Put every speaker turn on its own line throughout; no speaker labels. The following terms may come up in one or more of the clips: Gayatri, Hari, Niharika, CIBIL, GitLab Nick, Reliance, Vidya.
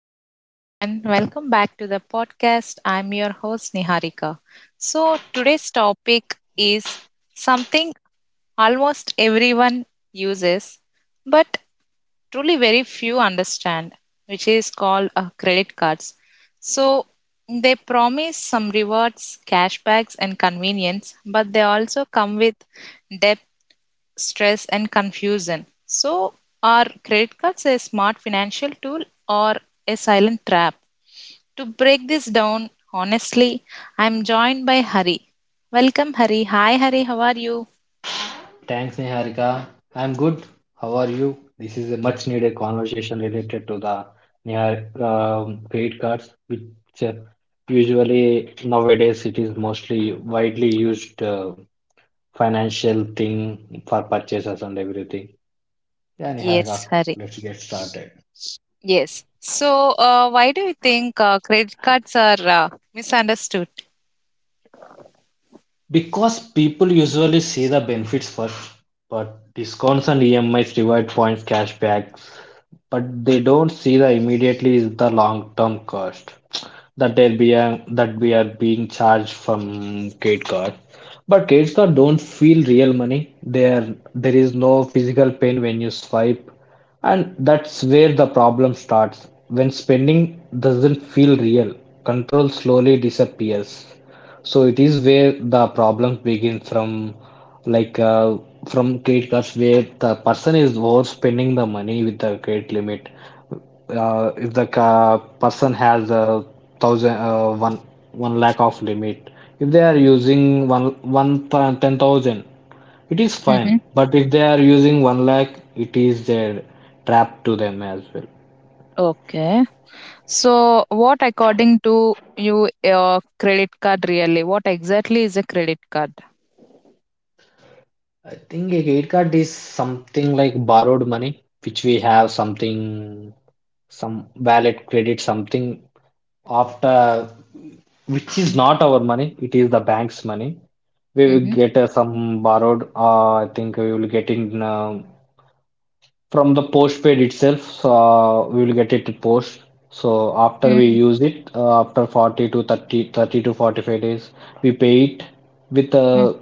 hello everyone. Welcome back to the podcast. I'm your host Niharika. So, today's topic is something almost everyone uses, but truly very few understand, which is called credit cards. So, they promise some rewards, cashbacks, and convenience, but they also come with debt stress, and confusion. So, are credit cards a smart financial tool or a silent trap? To break this down honestly, I'm joined by Hari. Welcome, Hari. Hi, Hari. How are you?
Thanks, Niharika. I'm good. How are you? This is a much needed conversation related to the Nihar credit cards, which uh, usually nowadays it is mostly widely used. Financial thing for purchases and everything. Yeah,
Yes,
Niharika,
Hari.
let's get started.
Yes. So, why do you think credit cards are misunderstood?
Because people usually see the benefits first, but discounts and EMIs, reward points, cashbacks, but they don't see the immediately is the long term cost. That we are being charged from credit card. But credit card don't feel real money. There there is no physical pain when you swipe, and that's where the problem starts. When spending doesn't feel real, control slowly disappears. So it is where the problem begins from, like from credit cards, where the person is overspending the money with the credit limit. If the ca person has a thousand, one one lakh of limit, if they are using 10,000, it is fine.
Mm-hmm.
But if they are using one lakh, it is a trap to them as well.
Okay. So, what according to you, your credit card really? What exactly is a credit card?
I think a credit card is something like borrowed money, which we have something, some valid credit, something after which is not our money, it is the bank's money. We will
Mm-hmm.
get some borrowed, I think we will get in. um from the postpaid itself, so, we will get it post. So after we
Mm-hmm.
use it, after 40 to 30, 30 to 45 days, we pay it with uh,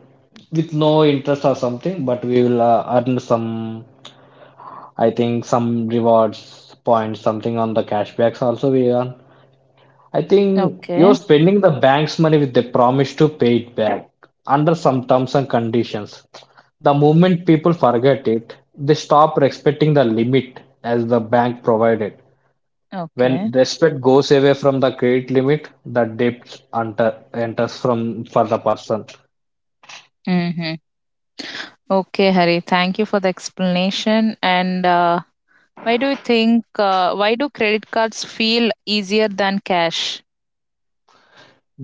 with no interest or something, but we will earn some, I think, some rewards points, something on the cashbacks also we earn. I think you're
Okay.
spending the bank's money with the promise to pay it back under some terms and conditions. The moment people forget it, they stop respecting the limit as the bank provided.
Okay.
When respect goes away from the credit limit, the debt enters from for the person.
Mm-hmm. Okay, Hari. Thank you for the explanation. And why do you think, why do credit cards feel easier than cash?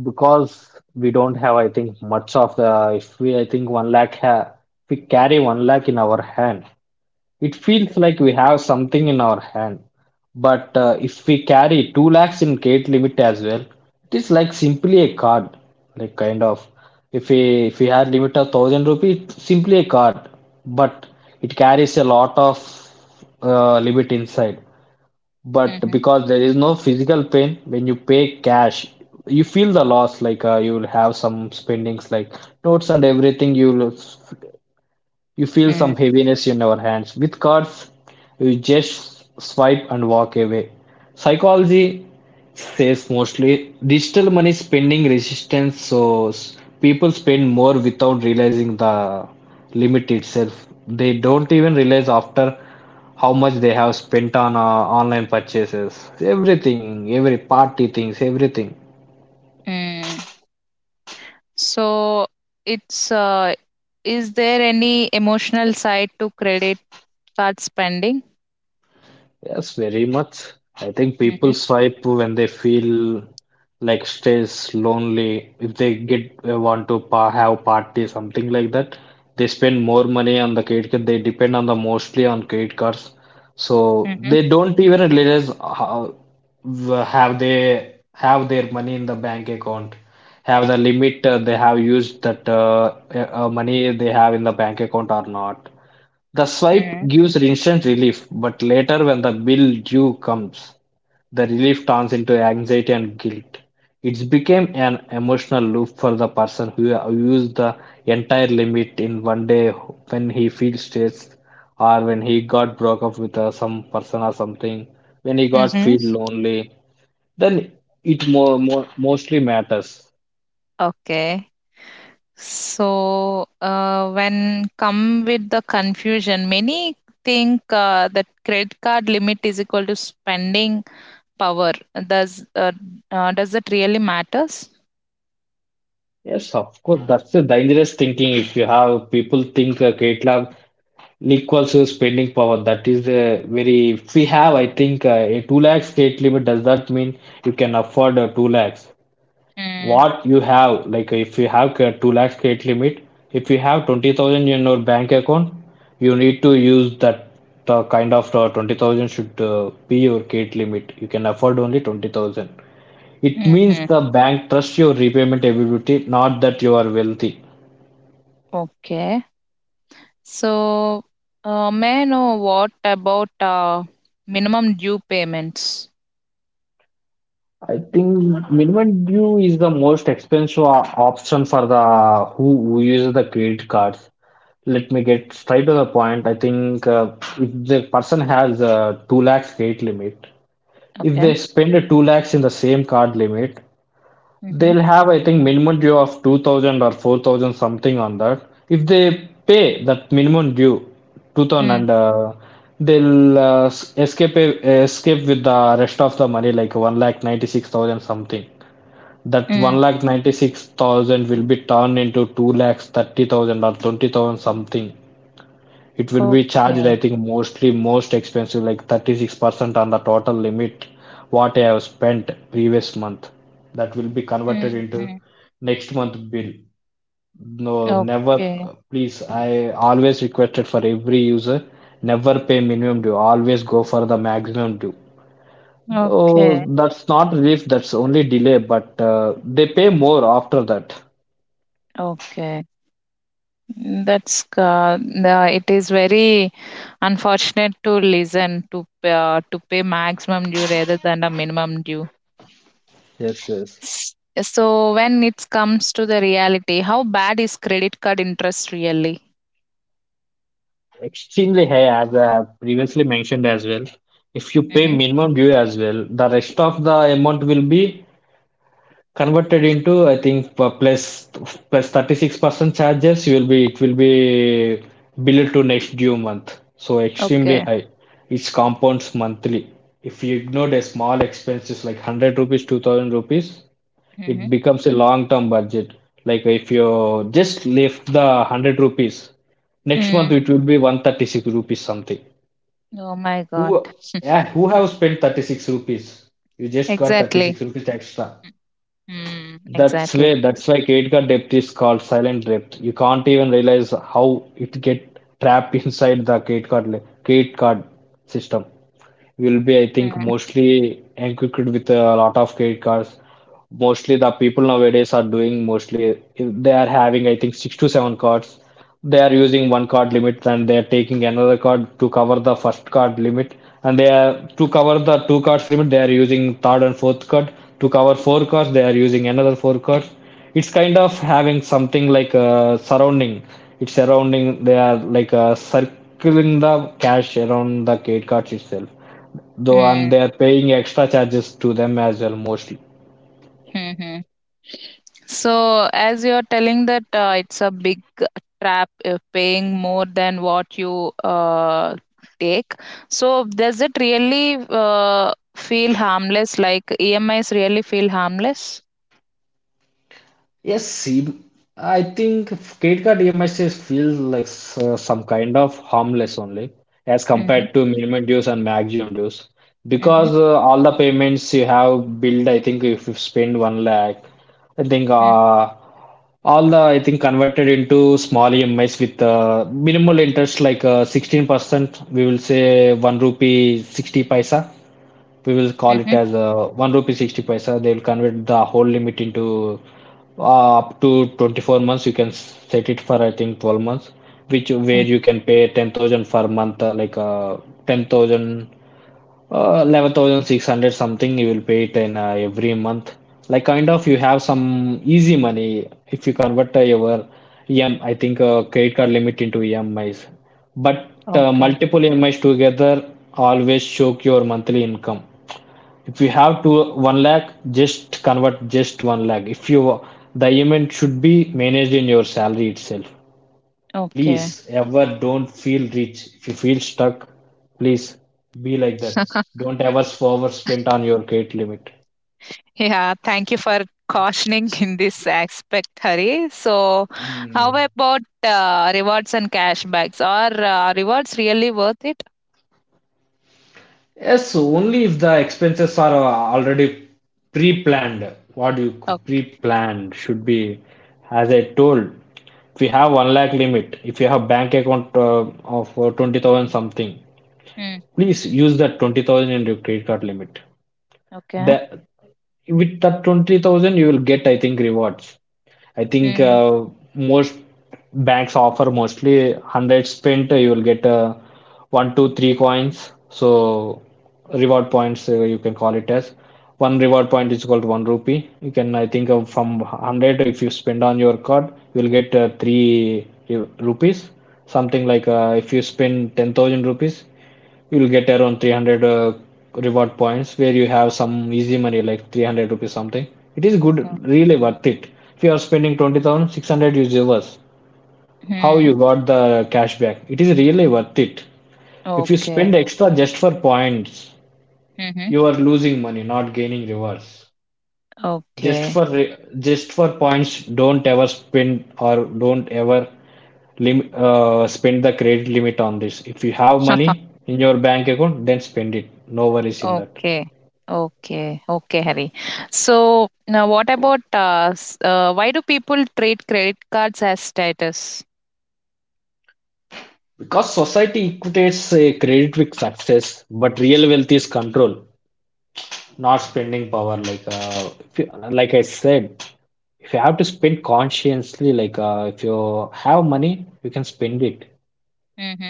Because we don't have, I think, much of the. If we, I think, one lakh, if we carry one lakh in our hand. It feels like we have something in our hand. But if we carry 2 lakhs in gate limit as well, it is like simply a card. Like kind of, if we had limit of 1000 rupees, it's simply a card. But it carries a lot of limit inside. But
Mm-hmm.
because there is no physical pain, when you pay cash, you feel the loss. Like you will have some spendings like notes and everything. You feel some heaviness in our hands. With cards, you just swipe and walk away. Psychology says mostly digital money spending resistance, so people spend more without realizing the limit itself. They don't even realize after how much they have spent on online purchases, everything, every party things, everything.
Mm-hmm. So, it's, is there any emotional side to credit card spending?
Yes, very much. I think
Mm-hmm.
people swipe when they feel like stress, lonely. If they get want to pa have party, something like that, they spend more money on the credit card. They depend on the mostly on credit cards, so
Mm-hmm.
they don't even realize how have they have their money in the bank account, have the limit they have used that money they have in the bank account or not. The swipe
Mm-hmm.
gives instant relief, but later when the bill due comes, the relief turns into anxiety and guilt. It's became an emotional loop for the person who used the entire limit in one day when he feels stressed or when he got broke up with some person or something, when he got
Mm-hmm.
feel lonely, then it more mostly matters.
Okay. So, when come with the confusion, many think that credit card limit is equal to spending power. Does uh, does that really matters?
Yes, of course, that's a dangerous thinking if you have people think GitLab Nick to spending power. That is the very. If we have, I think, a 2 lakhs state limit, does that mean you can afford 2 lakhs?
Mm.
What you have, like if you have 2 lakhs state limit, if you have 20,000 in your bank account, you need to use that kind of 20,000 should be your gate limit. You can afford only 20,000. It means
Mm-hmm.
the bank trusts your repayment ability, not that you are wealthy.
Okay. So, may I know what about minimum due payments?
I think minimum due is the most expensive option for the who uses the credit cards. Let me get straight to the point. I think if the person has a 2 lakhs credit limit, if they
Okay.
spend a 2 lakhs in the same card limit,
Mm-hmm.
they'll have, I think, minimum due of 2000 or 4000 something on that. If they pay that minimum due, 2000
Mm.
and they'll escape with the rest of the money like 1 lakh 96,000 something. That
Mm.
one lakh 96,000 will be turned into two lakhs 30,000 or 20,000 something. It will be charged, I
Okay.
think, mostly most expensive, like 36% on the total limit what I have spent previous month. That will be converted into
Mm-hmm.
next month bill. No, never,
Okay.
please. I always requested for every user, never pay minimum due. Always go for the maximum due. Oh,
Okay.
that's not relief, that's only delay, but they pay more after that.
Okay. That's it is very unfortunate to listen to pay maximum due rather than a minimum due.
Yes, yes.
S- So when it comes to the reality, how bad is credit card interest really?
Extremely high, as I have previously mentioned as well. If you pay
Mm-hmm.
minimum due as well, the rest of the amount will be converted into, I think, 36% charges. You will be it will be billed to next due month. So extremely
Okay.
high. It compounds monthly. If you ignored a small expenses like 100 rupees, 2000 rupees, it
Mm-hmm.
becomes a long-term budget. Like if you just left the 100 rupees, next
Mm.
month it will be 136 rupees something.
Oh my God.
Who, yeah, who have spent 36 rupees? You just got
Exactly.
36 rupees extra.
Mm,
That's
exactly.
where that's why credit card debt is called silent debt. You can't even realize how it get trapped inside the credit card system will be, I think,
Mm,
mostly equipped with a lot of credit cards. Mostly the people nowadays are doing mostly they are having, I think, six to seven cards. They are using one card limit and they are taking another card to cover the first card limit. And they are to cover the two cards limit, they are using third and fourth card. To cover four cards, they are using another four cards. It's kind of having something like a surrounding. It's surrounding, they are like a circling the cash around the credit cards itself though,
mm,
and they are paying extra charges to them as well mostly.
mhm. So, as you're telling that it's a big trap paying more than what you take, so does it really feel harmless? Like E M is really feel harmless?
Yes, see, I think credit card EMIs feels like some kind of harmless only as
Mm-hmm,
compared to minimum dues and maximum dues,
mm-hmm,
because all the payments you have billed, I think if you spend one lakh, I think
mm-hmm,
all the I think converted into small EMIs with minimal interest like 16%, we will say 1 rupee 60 paisa. We will call it as 1 rupee 60 paisa. They will convert the whole limit into up to 24 months. You can set it for I think 12 months, which where
mm-hmm.
you can pay 10,000 per month like 10,000 11,600 something you will pay it in every month, like kind of you have some easy money if you convert your I think credit card limit into emis. But
Okay,
multiple emis together always choke your monthly income. If you have to one lakh, just convert just one lakh. If you the event should be managed in your salary itself. Please
okay.
ever don't feel rich. If you feel stuck, please be like that. Don't ever over spend on your credit limit.
Yeah, thank you for cautioning in this aspect, Hari. So, how about rewards and cashbacks? Are rewards really worth it?
Yes, only if the expenses are already pre-planned. What you
Okay.
pre-planned should be, as I told, if you have one lakh limit, if you have bank account of 20,000 something,
Mm,
please use that 20,000 in your credit card limit.
okay.
That with that 20,000 you will get I think rewards. I think most banks offer mostly 100 spent you will get 1 2 3 coins, so reward points you can call it as one reward point is called 1 rupee. You can I think from 100 if you spend on your card you will get 3 rupees something. Like if you spend 10,000 rupees you'll get around 300 reward points, where you have some easy money like 300 rupees something. It is good, really worth it. If you are spending 20,600 you reverse how
Mhm.
you got the cash back, it is really worth it. If you
Okay.
spend extra just for points
Mhm.
you are losing money, not gaining rewards. just
Okay.
for re- just for points, don't ever spend, or don't ever spend the credit limit on this. If you have money in your bank account, then spend it. No worries in that.
Okay. Okay. Okay, Hari. So now what about why do people treat credit cards as status?
Because society equates a credit with success, but real wealth is control, not spending power. Like if you, like I said, if you have to spend consciously, like if you have money, you can spend it.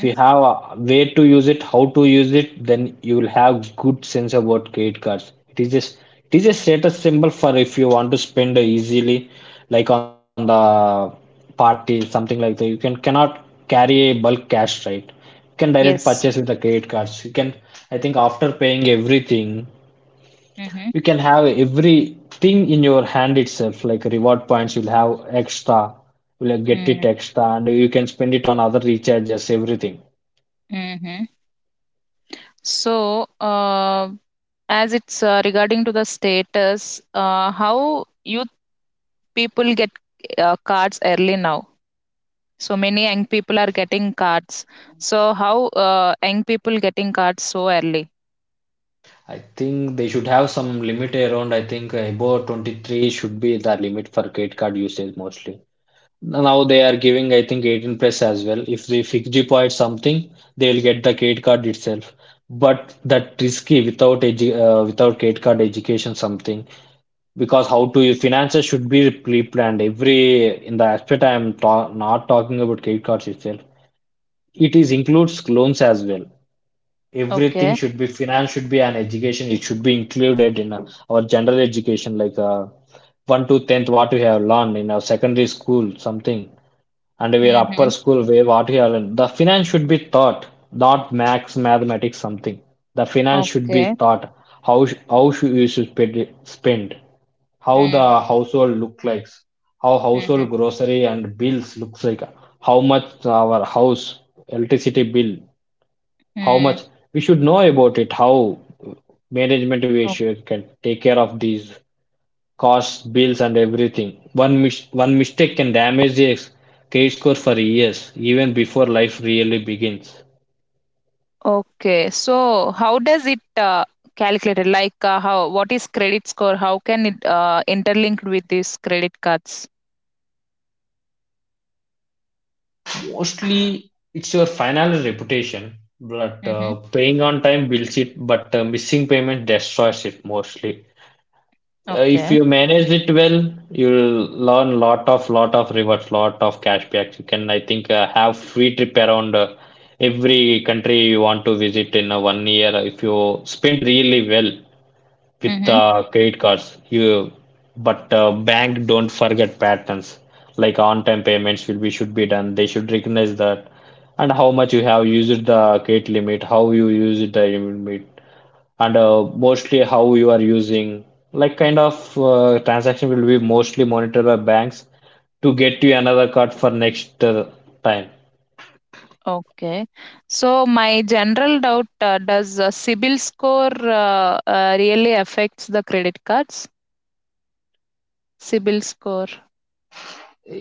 If you have a way to use it how to use it, then you will have good sense about credit cards. It is just, it is a status symbol for if you want to spend easily, like on the party something like that. You cannot carry a bulk cash, right? You can direct purchase
Yes.
with the credit cards. You can i think after paying everything,
Mm-hmm.
you can have everything in your hand itself, like reward points. You'll have extra, you'll get it extra, and you can spend it on other recharges everything.
Mm-hmm. So as it's regarding to the status, how youth people get cards early now? So many young people are getting cards, so how young people getting cards so early?
I think they should have some limit around. I think above 23 should be the limit for credit card usage mostly. Now they are giving, I think, 18 plus as well. If they fix deposit something, they will get the credit card itself. But that risky without edu without credit card education something, because how to your finances should be pre-planned every in the aspect I am ta not talking about credit cards itself. It is includes loans as well. Everything
Okay.
should be, finance should be an education. It should be included in our general education, like 1 to 10th what we have learned in our secondary school something, and our
Mm-hmm.
upper school where what we have learned, the finance should be taught, not max mathematics something. The finance should be
Okay.
taught. How should you should spend, how
Mm-hmm.
the household look like, how household grocery and bills looks like, how much our house electricity bill, how much
Mm.
we should know about it, how management we
O-
should can take care of these costs, bills, and everything. One mistake can damage the credit score for years, even before life really begins.
okay, so how does it calculated, like how, what is credit score, how can it interlinked with these credit cards?
Mostly, it's your financial reputation, but
Mm-hmm.
paying on time builds it, but missing payment destroys it mostly. If
Okay.
you manage it well, you'll learn lot of rewards, lot of cashbacks. You can, I think, have free trip around every country you want to visit in one year if you spend really well with
Mm-hmm.
credit cards. But bank don't forget patterns, like on-time payments will be should be done. They should recognize that, and how much you have used the credit limit, how you use the limit, and mostly how you are using, like kind of transaction will be mostly monitored by banks to get you another card for next time.
Okay, so my general doubt, does cibil score really affects the credit cards cibil score?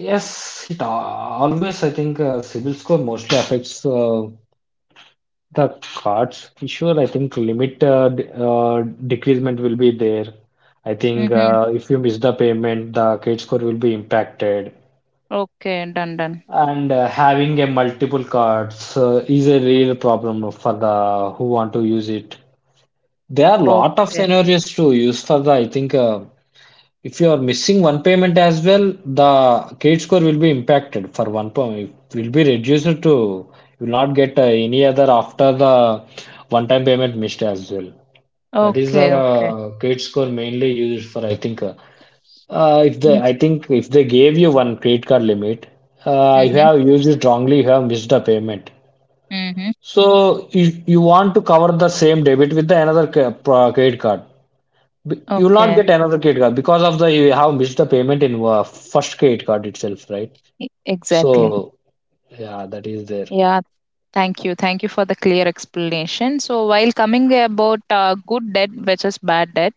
Yes, it always I think civil score mostly affects the cards issuer, I think limit decreasement will be there. I think
Mhm.
if you miss the payment, the credit score will be impacted.
Okay. Done, done.
And having a multiple cards is a real problem for the who want to use it. There are lot of
Okay.
scenarios to use for the. I think if you are missing one payment as well, the credit score will be impacted for one payment. It will be reduced to, you will not get any other after the one-time payment missed as well. That is the
Okay, okay.
credit score mainly used for. I think uh, uh, if the
Mm.
I think if they gave you one credit card limit, you
Mhm.
have used it wrongly, you have missed a payment.
Mhm.
So you want to cover the same debit with the another credit card. You will not
Okay.
get another credit card because of the you have missed the payment in first credit card itself, right?
Exactly.
So yeah, that is there.
Yeah. Thank you. Thank you for the clear explanation. So, while coming about good debt versus bad debt,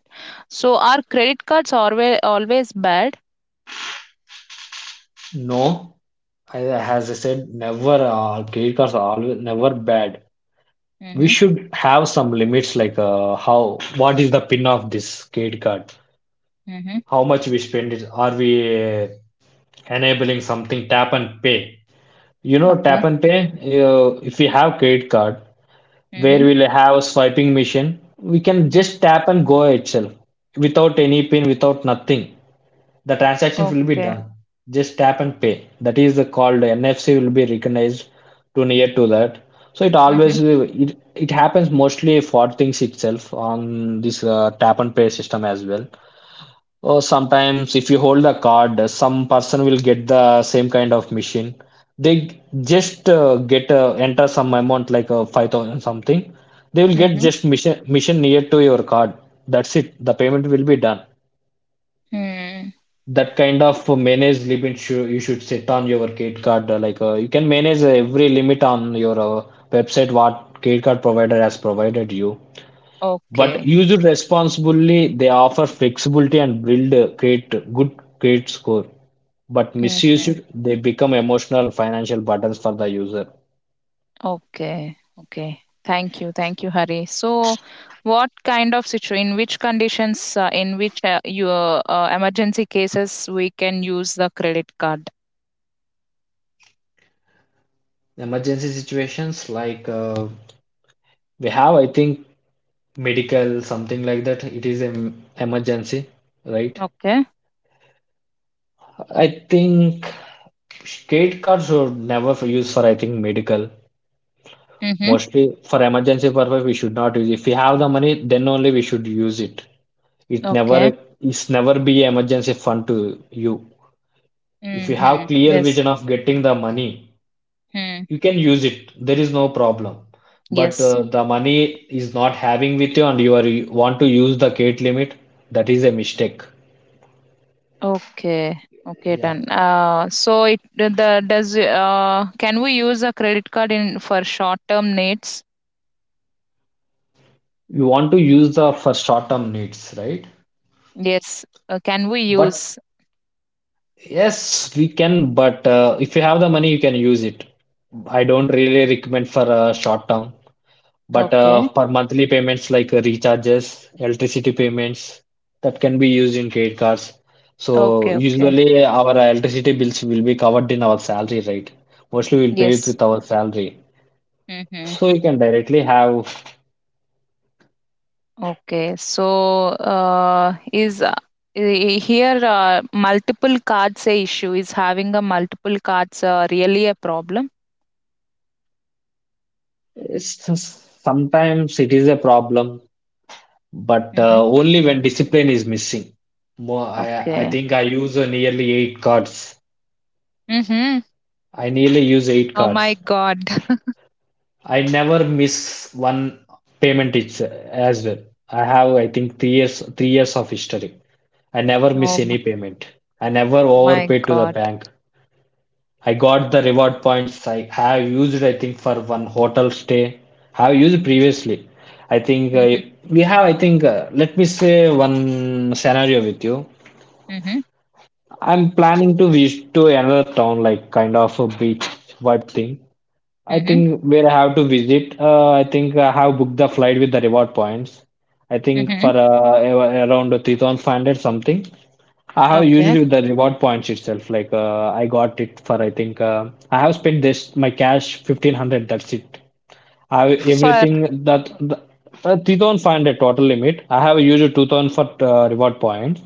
so are credit cards always bad?
No, I, as I said, never credit cards are always never bad. We
Mhm.
should have some limits, like how what is the pin of this credit card,
Mhm.
how much we spend it, are we uh, enabling something, tap and pay, you know,
Okay.
tap and pay, if we have credit card where
Mhm.
we'll have a swiping machine, we can
Mm.
just tap and go itself without any pin, without nothing. The transaction will be
Okay.
done, just tap and pay. That is the called NFC will be recognized to near to that. So it
Mhm.
always, it, it happens mostly for things itself on this tap and pay system as well. Or sometimes, if you hold the card, some person will get the same kind of machine. They just get enter some amount, like 5,000 something. They will get
Mhm.
just mission mission near to your card. That's it. The payment will be done.
Mm.
That kind of manage limit you should set on your credit card. Like you can manage every limit on your website what credit card provider has provided you. But
Okay.
used responsibly, they offer flexibility and build a great, good credit score. But
Mhm.
misused, they become emotional and financial burdens for the user.
Okay, okay. Thank you, Hari. So, what kind of situation, in which conditions, in which your emergency cases we can use the credit card?
Emergency situations, like we have, I think, medical, something like that, it is an emergency, right?
Okay.
I think credit cards should never for use for, I think, medical.
Mm-hmm.
Mostly for emergency purpose, we should not use. If we have the money, then only we should use it. It never
Okay.
is never be emergency fund to you. If you
Mm-hmm.
have clear
Yes.
vision of getting the money,
Hmm.
you can use it. There is no problem. But
Yes.
the money is not having with you, and you want to use the gate limit, that is a mistake.
Okay. Okay.
Yeah.
Done. So it the- does Can we use a credit card in for short term needs?
You want to use the for short-term needs, right?
Yes. Can we
But
use?
yes, we can, but if you have the money, you can use it. I don't really recommend for a short term. But
Okay.
for monthly payments, like recharges, electricity payments, that can be used in credit cards. So
Okay. Okay.
usually our electricity bills will be covered in our salary, right? Mostly we'll pay it
Yes.
with our salary.
Mm-hmm.
So you can directly have.
Okay, so is I- here multiple cards a issue? Is having a multiple cards really a problem?
It's just, sometimes it is a problem, but
Mm-hmm.
only when discipline is missing. More, I
Okay.
think I use nearly eight cards.
Mm-hmm.
I nearly use eight
Oh my
cards.
god.
I never miss one payment each as well. I have, I think, 3 years, 3 years of history. I never miss
Oh my,
any payment. I never
oh my
overpaid to the
God.
bank. I got the reward points. I have used, I think, for one hotel stay. Have used previously. I think
Mm-hmm.
we have, I think, let me say one scenario with you.
Mm-hmm.
I'm planning to visit to another town, like kind of a beach vibe thing. I
Mm-hmm.
think where I have to visit, I think I have booked the flight with the reward points. I think for
Mm-hmm.
around 3,500 something. I have used
Okay.
it with the reward points itself. Like I got it for, I think, I have spent this my cash 1,500. That's it. I have
For
everything that the, 3,500 total limit. I have used 2,000 for reward points,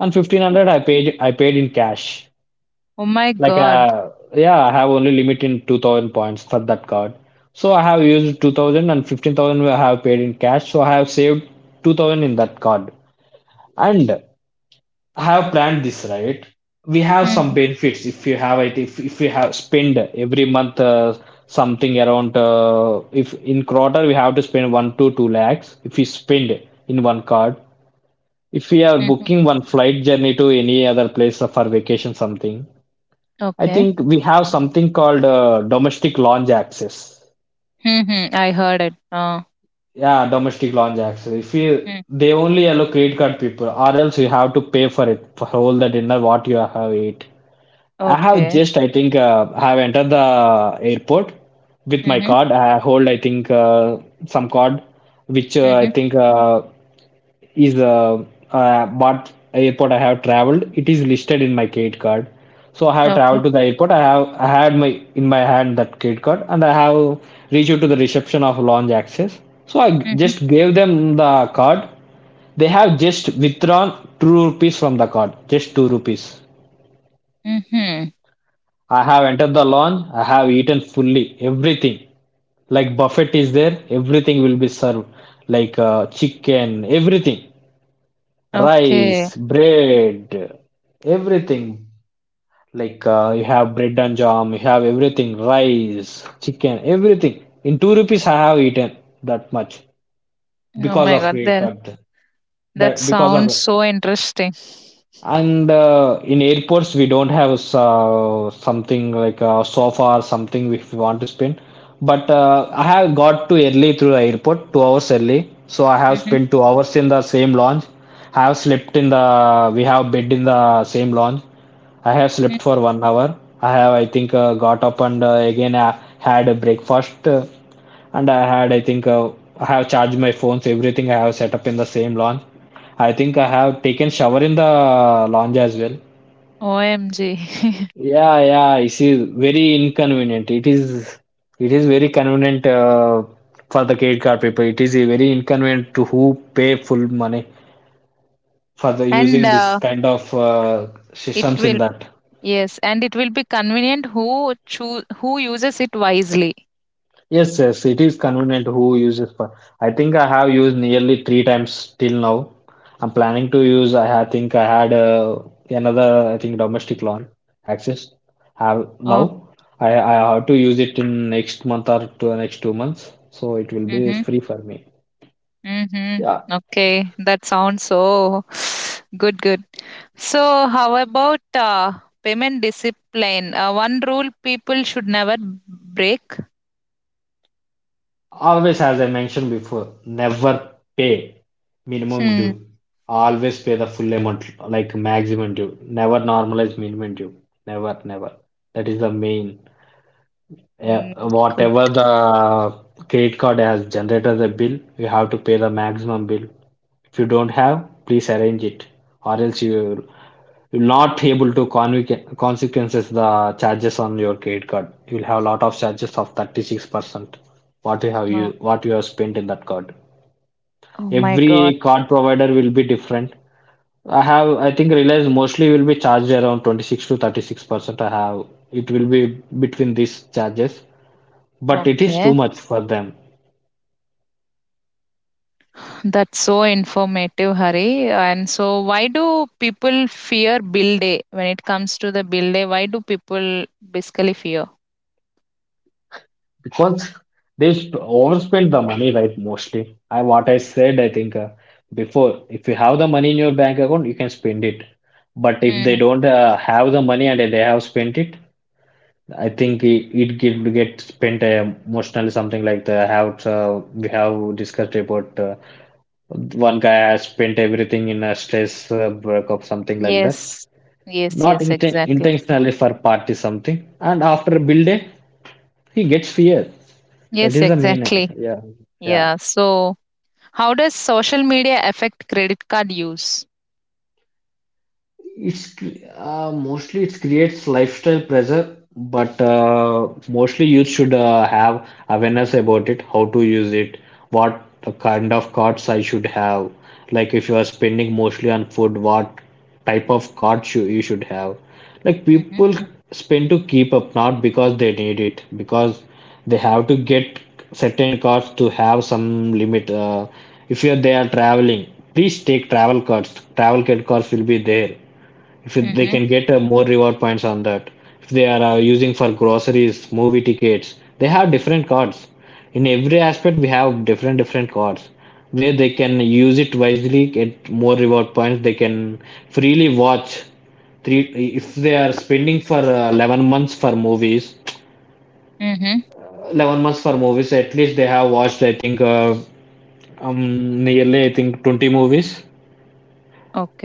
and 1,500 I paid in cash.
Oh my
Like,
God.
yeah, I have only limit in 2,000 points for that card. So I have used 2000 and 15,000 I have paid in cash. So I have saved 2,000 in that card. And I have planned this, right? We have some
Mm-hmm.
benefits if you have it, if you have spend every month something around, if in quarter we have to spend 1 to 2 lakhs if we spend in one card. If we are
Mm-hmm.
booking one flight journey to any other place for vacation, something, I
Okay.
think we have something called domestic launch access.
Mm-hmm. I heard it.
Yeah, domestic launch access. If you
Mm.
they only allow credit card people, or else you have to pay for it for all the dinner what you have ate. I have
Okay.
just, I think, I have entered the airport with my
Mm-hmm.
card. I hold, I think, some card, which I
Mm-hmm.
think is what airport I have traveled. It is listed in my credit card. So I have
Okay.
traveled to the airport. I had my in my hand that credit card, and I have reached out to the reception of lounge access. So I
Mm-hmm.
just gave them the card. They have just withdrawn 2 rupees from the card, just 2 rupees.
Mm-hmm.
I have entered the lounge, I have eaten fully everything. Like buffet is there, everything will be served. Like chicken, everything.
Okay.
Rice, bread, everything. Like you have bread and jam, you have everything. Rice, chicken, everything. In 2 rupees, I have eaten that much
Oh
because
my
of
God.
credit
There
card.
That
That because
sounds
of
so interesting.
And in airports, we don't have something like a sofa or something if we want to spend. But I have got to early through the airport, 2 hours early. So I have
Mhm.
spent 2 hours in the same lounge. I have slept in the, we have bed in the same lounge. I have
Mm.
slept for 1 hour. I have, I think, got up and again had a breakfast. And I had, I think, I have charged my phones, everything I have set up in the same lounge. I think I have taken shower in the lounge as well.
OMG.
Yeah, yeah, it is very inconvenient. It is very convenient for the credit card people. It is a very inconvenient to who pay full money for the
and
using this kind of
it
systems in
will
that.
Yes, and it will be convenient, who uses it wisely.
Yes, yes, it is convenient who uses for. I think I have used nearly three times till now. I'm planning to use. Think I had another. I think domestic loan access. Have
Oh.
now. I have to use it in next month or to next 2 months. So it will be
Mhm.
free for me.
Mhm.
Yeah.
Okay, that sounds so good good. So how about payment discipline? One rule people should never break.
Always, as I mentioned before, never pay minimum
Hmm.
due. Always pay the full amount, like maximum due. Never normalize minimum due. Never, never. That is the main. Yeah,
Mm, good.
whatever the credit card has generated the bill, you have to pay the maximum bill. If you don't have, please arrange it, or else you'll not able to consequences the charges on your credit card. You'll have a lot of charges of 36%
Oh,
what you have spent in that card.
oh my god.
Every card provider will be different. I think Reliance mostly will be charged around 26 to 36%. I have it will be between these charges, but it is
Okay.
too much for them
That's so informative, Hari. And so, why do people fear bill day? When it comes to the bill day, why do people basically fear?
because overspend the money, right? Mostly, I what I said I think before, if you have the money in your bank account, you can spend it, but if they
Mm.
don't have the money and they have spent it, I think it, it get spent emotionally, something like the have we have discussed about one guy has spent everything in a stress, breakup, something like that,
Yes, yes,
not
yes, exactly.
intentionally for party something, and after build day he gets fear. That
Yes,
is the main.
exactly.
Yeah. Yeah.
Yeah. So, how does social media affect credit card use?
Mostly it creates lifestyle pressure, but mostly youth should have awareness about it, how to use it, what the kind of cards I should have. Like if you are spending mostly on food, what type of cards you should have. Like
Mm-hmm.
people spend to keep up, not because they need it, because they have to get certain cards to have some limit. If you are they are traveling, please take travel cards. Travel card cards will be there if it, they
Mm-hmm.
can get more reward points on that if they are using for groceries, movie tickets, they have different cards. In every aspect we have different cards where they can use it wisely, get more reward points. They can freely watch three if they are spending for 11 months for movies.
Mm-hmm.
11 months for movies, at least they have watched, I think, nearly, I think, 20 movies.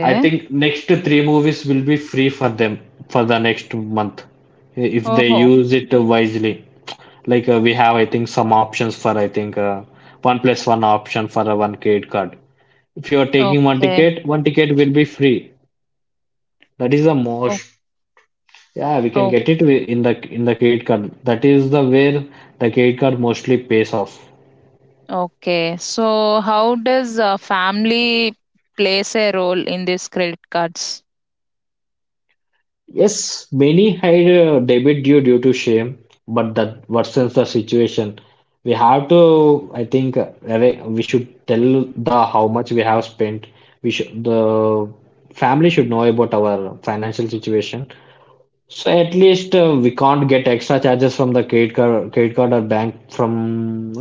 I think next three movies will be free for them for the next month if they
Oh.
use it wisely. Like we have, I think, some options for, I think, one plus one option for a one credit card. If you are taking
Okay.
one ticket will be free. That is the
Oh.
most. Yeah, we can get it
Okay.
in the credit card. That is the where the credit card mostly pays off.
Okay. So, how does family plays a role in these credit cards?
Yes, many hide debit due to shame, but that worsens the situation. We have to, I think, we should tell the how much we have spent. We should the family should know about our financial situation, so at least we can't get extra charges from the credit card or bank from.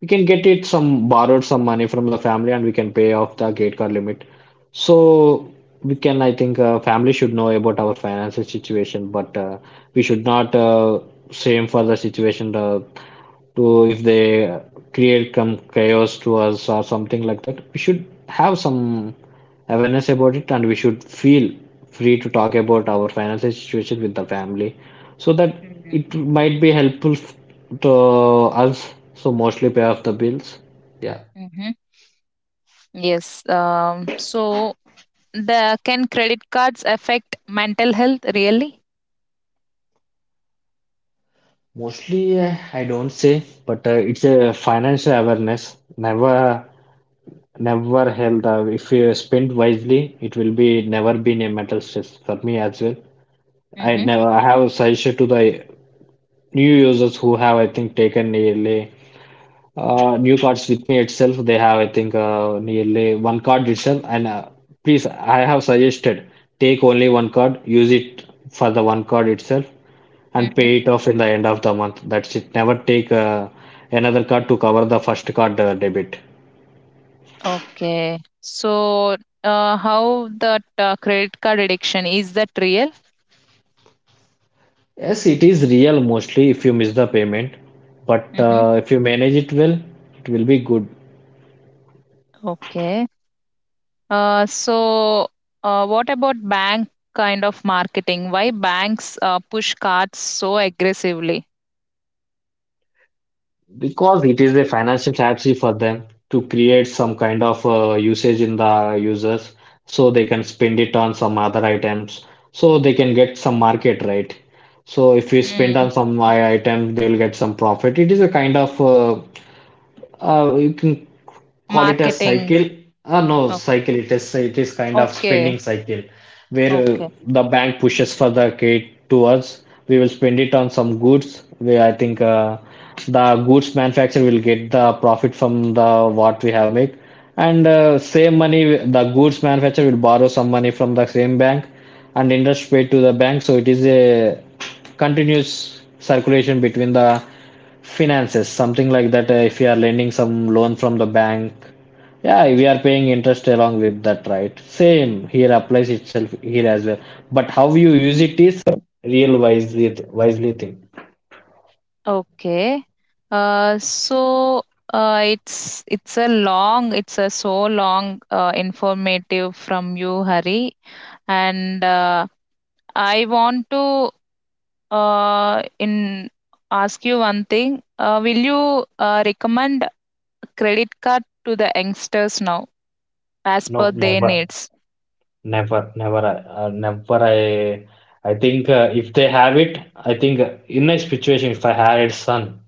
We can get it some borrowed some money from the family and we can pay off the credit card limit. So we can, I think, family should know about our financial situation, but we should not same for the situation to if they create some chaos to us or something like that. We should have some awareness about it and we should feel free to talk about our financial situation with the family so that it might be helpful to us, so mostly pay off the bills. Yeah.
Mm-hmm. Yes. So the can credit cards affect mental health really?
Mostly I don't say, but it's a financial awareness. Never, never held. If you spend wisely, it will be never been a mental stress for me as well. I
Mm-hmm.
never, I have a suggestion to the new users who have, I think, taken nearly new cards with me itself. They have, I think, nearly one card itself. And Please, I have suggested take only one card, use it for the one card itself, and pay
Mm-hmm.
it off in the end of the month. That's it. Never take another card to cover the first card debit.
Okay. So how that credit card addiction is that real?
Yes, it is real mostly if you miss the payment, but
Mm-hmm.
if you manage it well, it will be good.
Okay. So, what about bank kind of marketing? Why banks push cards so aggressively?
Because it is a financial strategy for them to create some kind of usage in the users so they can spend it on some other items so they can get some market, right? So if we spend
Mm.
on some item, they will get some profit. It is a kind of you can call it a
Marketing.
cycle. No,
O-
cycle. It is kind of
Okay.
spending cycle where
Okay.
the bank pushes for the kid to us. We will spend it on some goods where I think the goods manufacturer will get the profit from the what we have made, and same money the goods manufacturer will borrow some money from the same bank and interest paid to the bank. So it is a continuous circulation between the finances, something like that. If you are lending some loan from the bank, yeah, we are paying interest along with that, right? Same here applies itself here as well. But how you use it is real, wisely thing.
Okay. So, it's a long, it's a so long, informative from you, Hari, and I want to, in ask you one thing. Will you recommend credit card to the youngsters now, as per
No,
their
never,
needs?
never, never, never. I think if they have it, I think in a situation, if I had a son,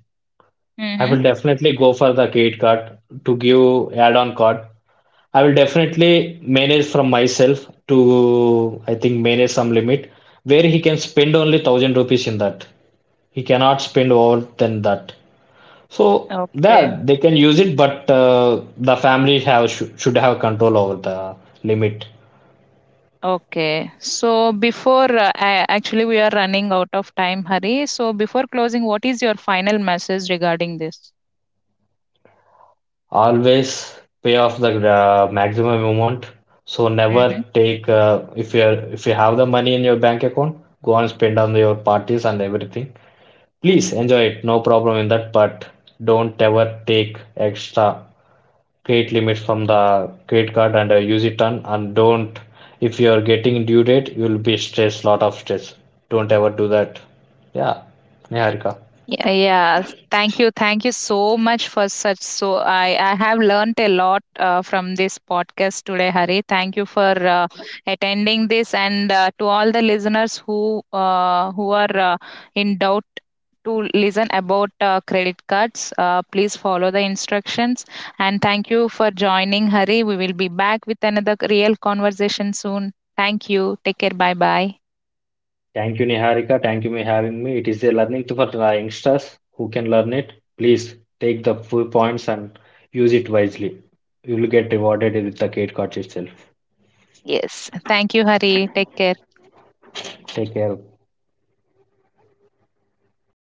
I
Mm-hmm.
will definitely go for the credit card to give add-on card. I will definitely manage from myself to, I think, manage some limit where he can spend only 1,000 rupees in that. He cannot spend more than that. So
Okay.
yeah, they can use it, but the family have shou- should have control over the limit.
Okay. So before actually we are running out of time, Hari. So before closing, what is your final message regarding this?
Always pay off the maximum amount. So never take if you are, if you have the money in your bank account, go and spend on your parties and everything. Please enjoy it, no problem in that, but don't ever take extra credit limits from the credit card and use it on. And don't, if you are getting due date, you will be stressed, lot of stress. Don't ever do that. Yeah, Niharika.
Yeah, yeah. Thank you. Thank you so much for such, so I have learned a lot from this podcast today, Hari. Thank you for attending this and to all the listeners who are in doubt to listen about credit cards, please follow the instructions and thank you for joining, Hari. We will be back with another real conversation soon. Thank you. Take care. Bye bye.
Thank you, Niharika. Thank you for having me. It is a learning tool for the youngsters who can learn it. Please take the full points and use it wisely. You will get rewarded with the credit card itself.
Yes. Thank you, Hari. Take care.
Take care.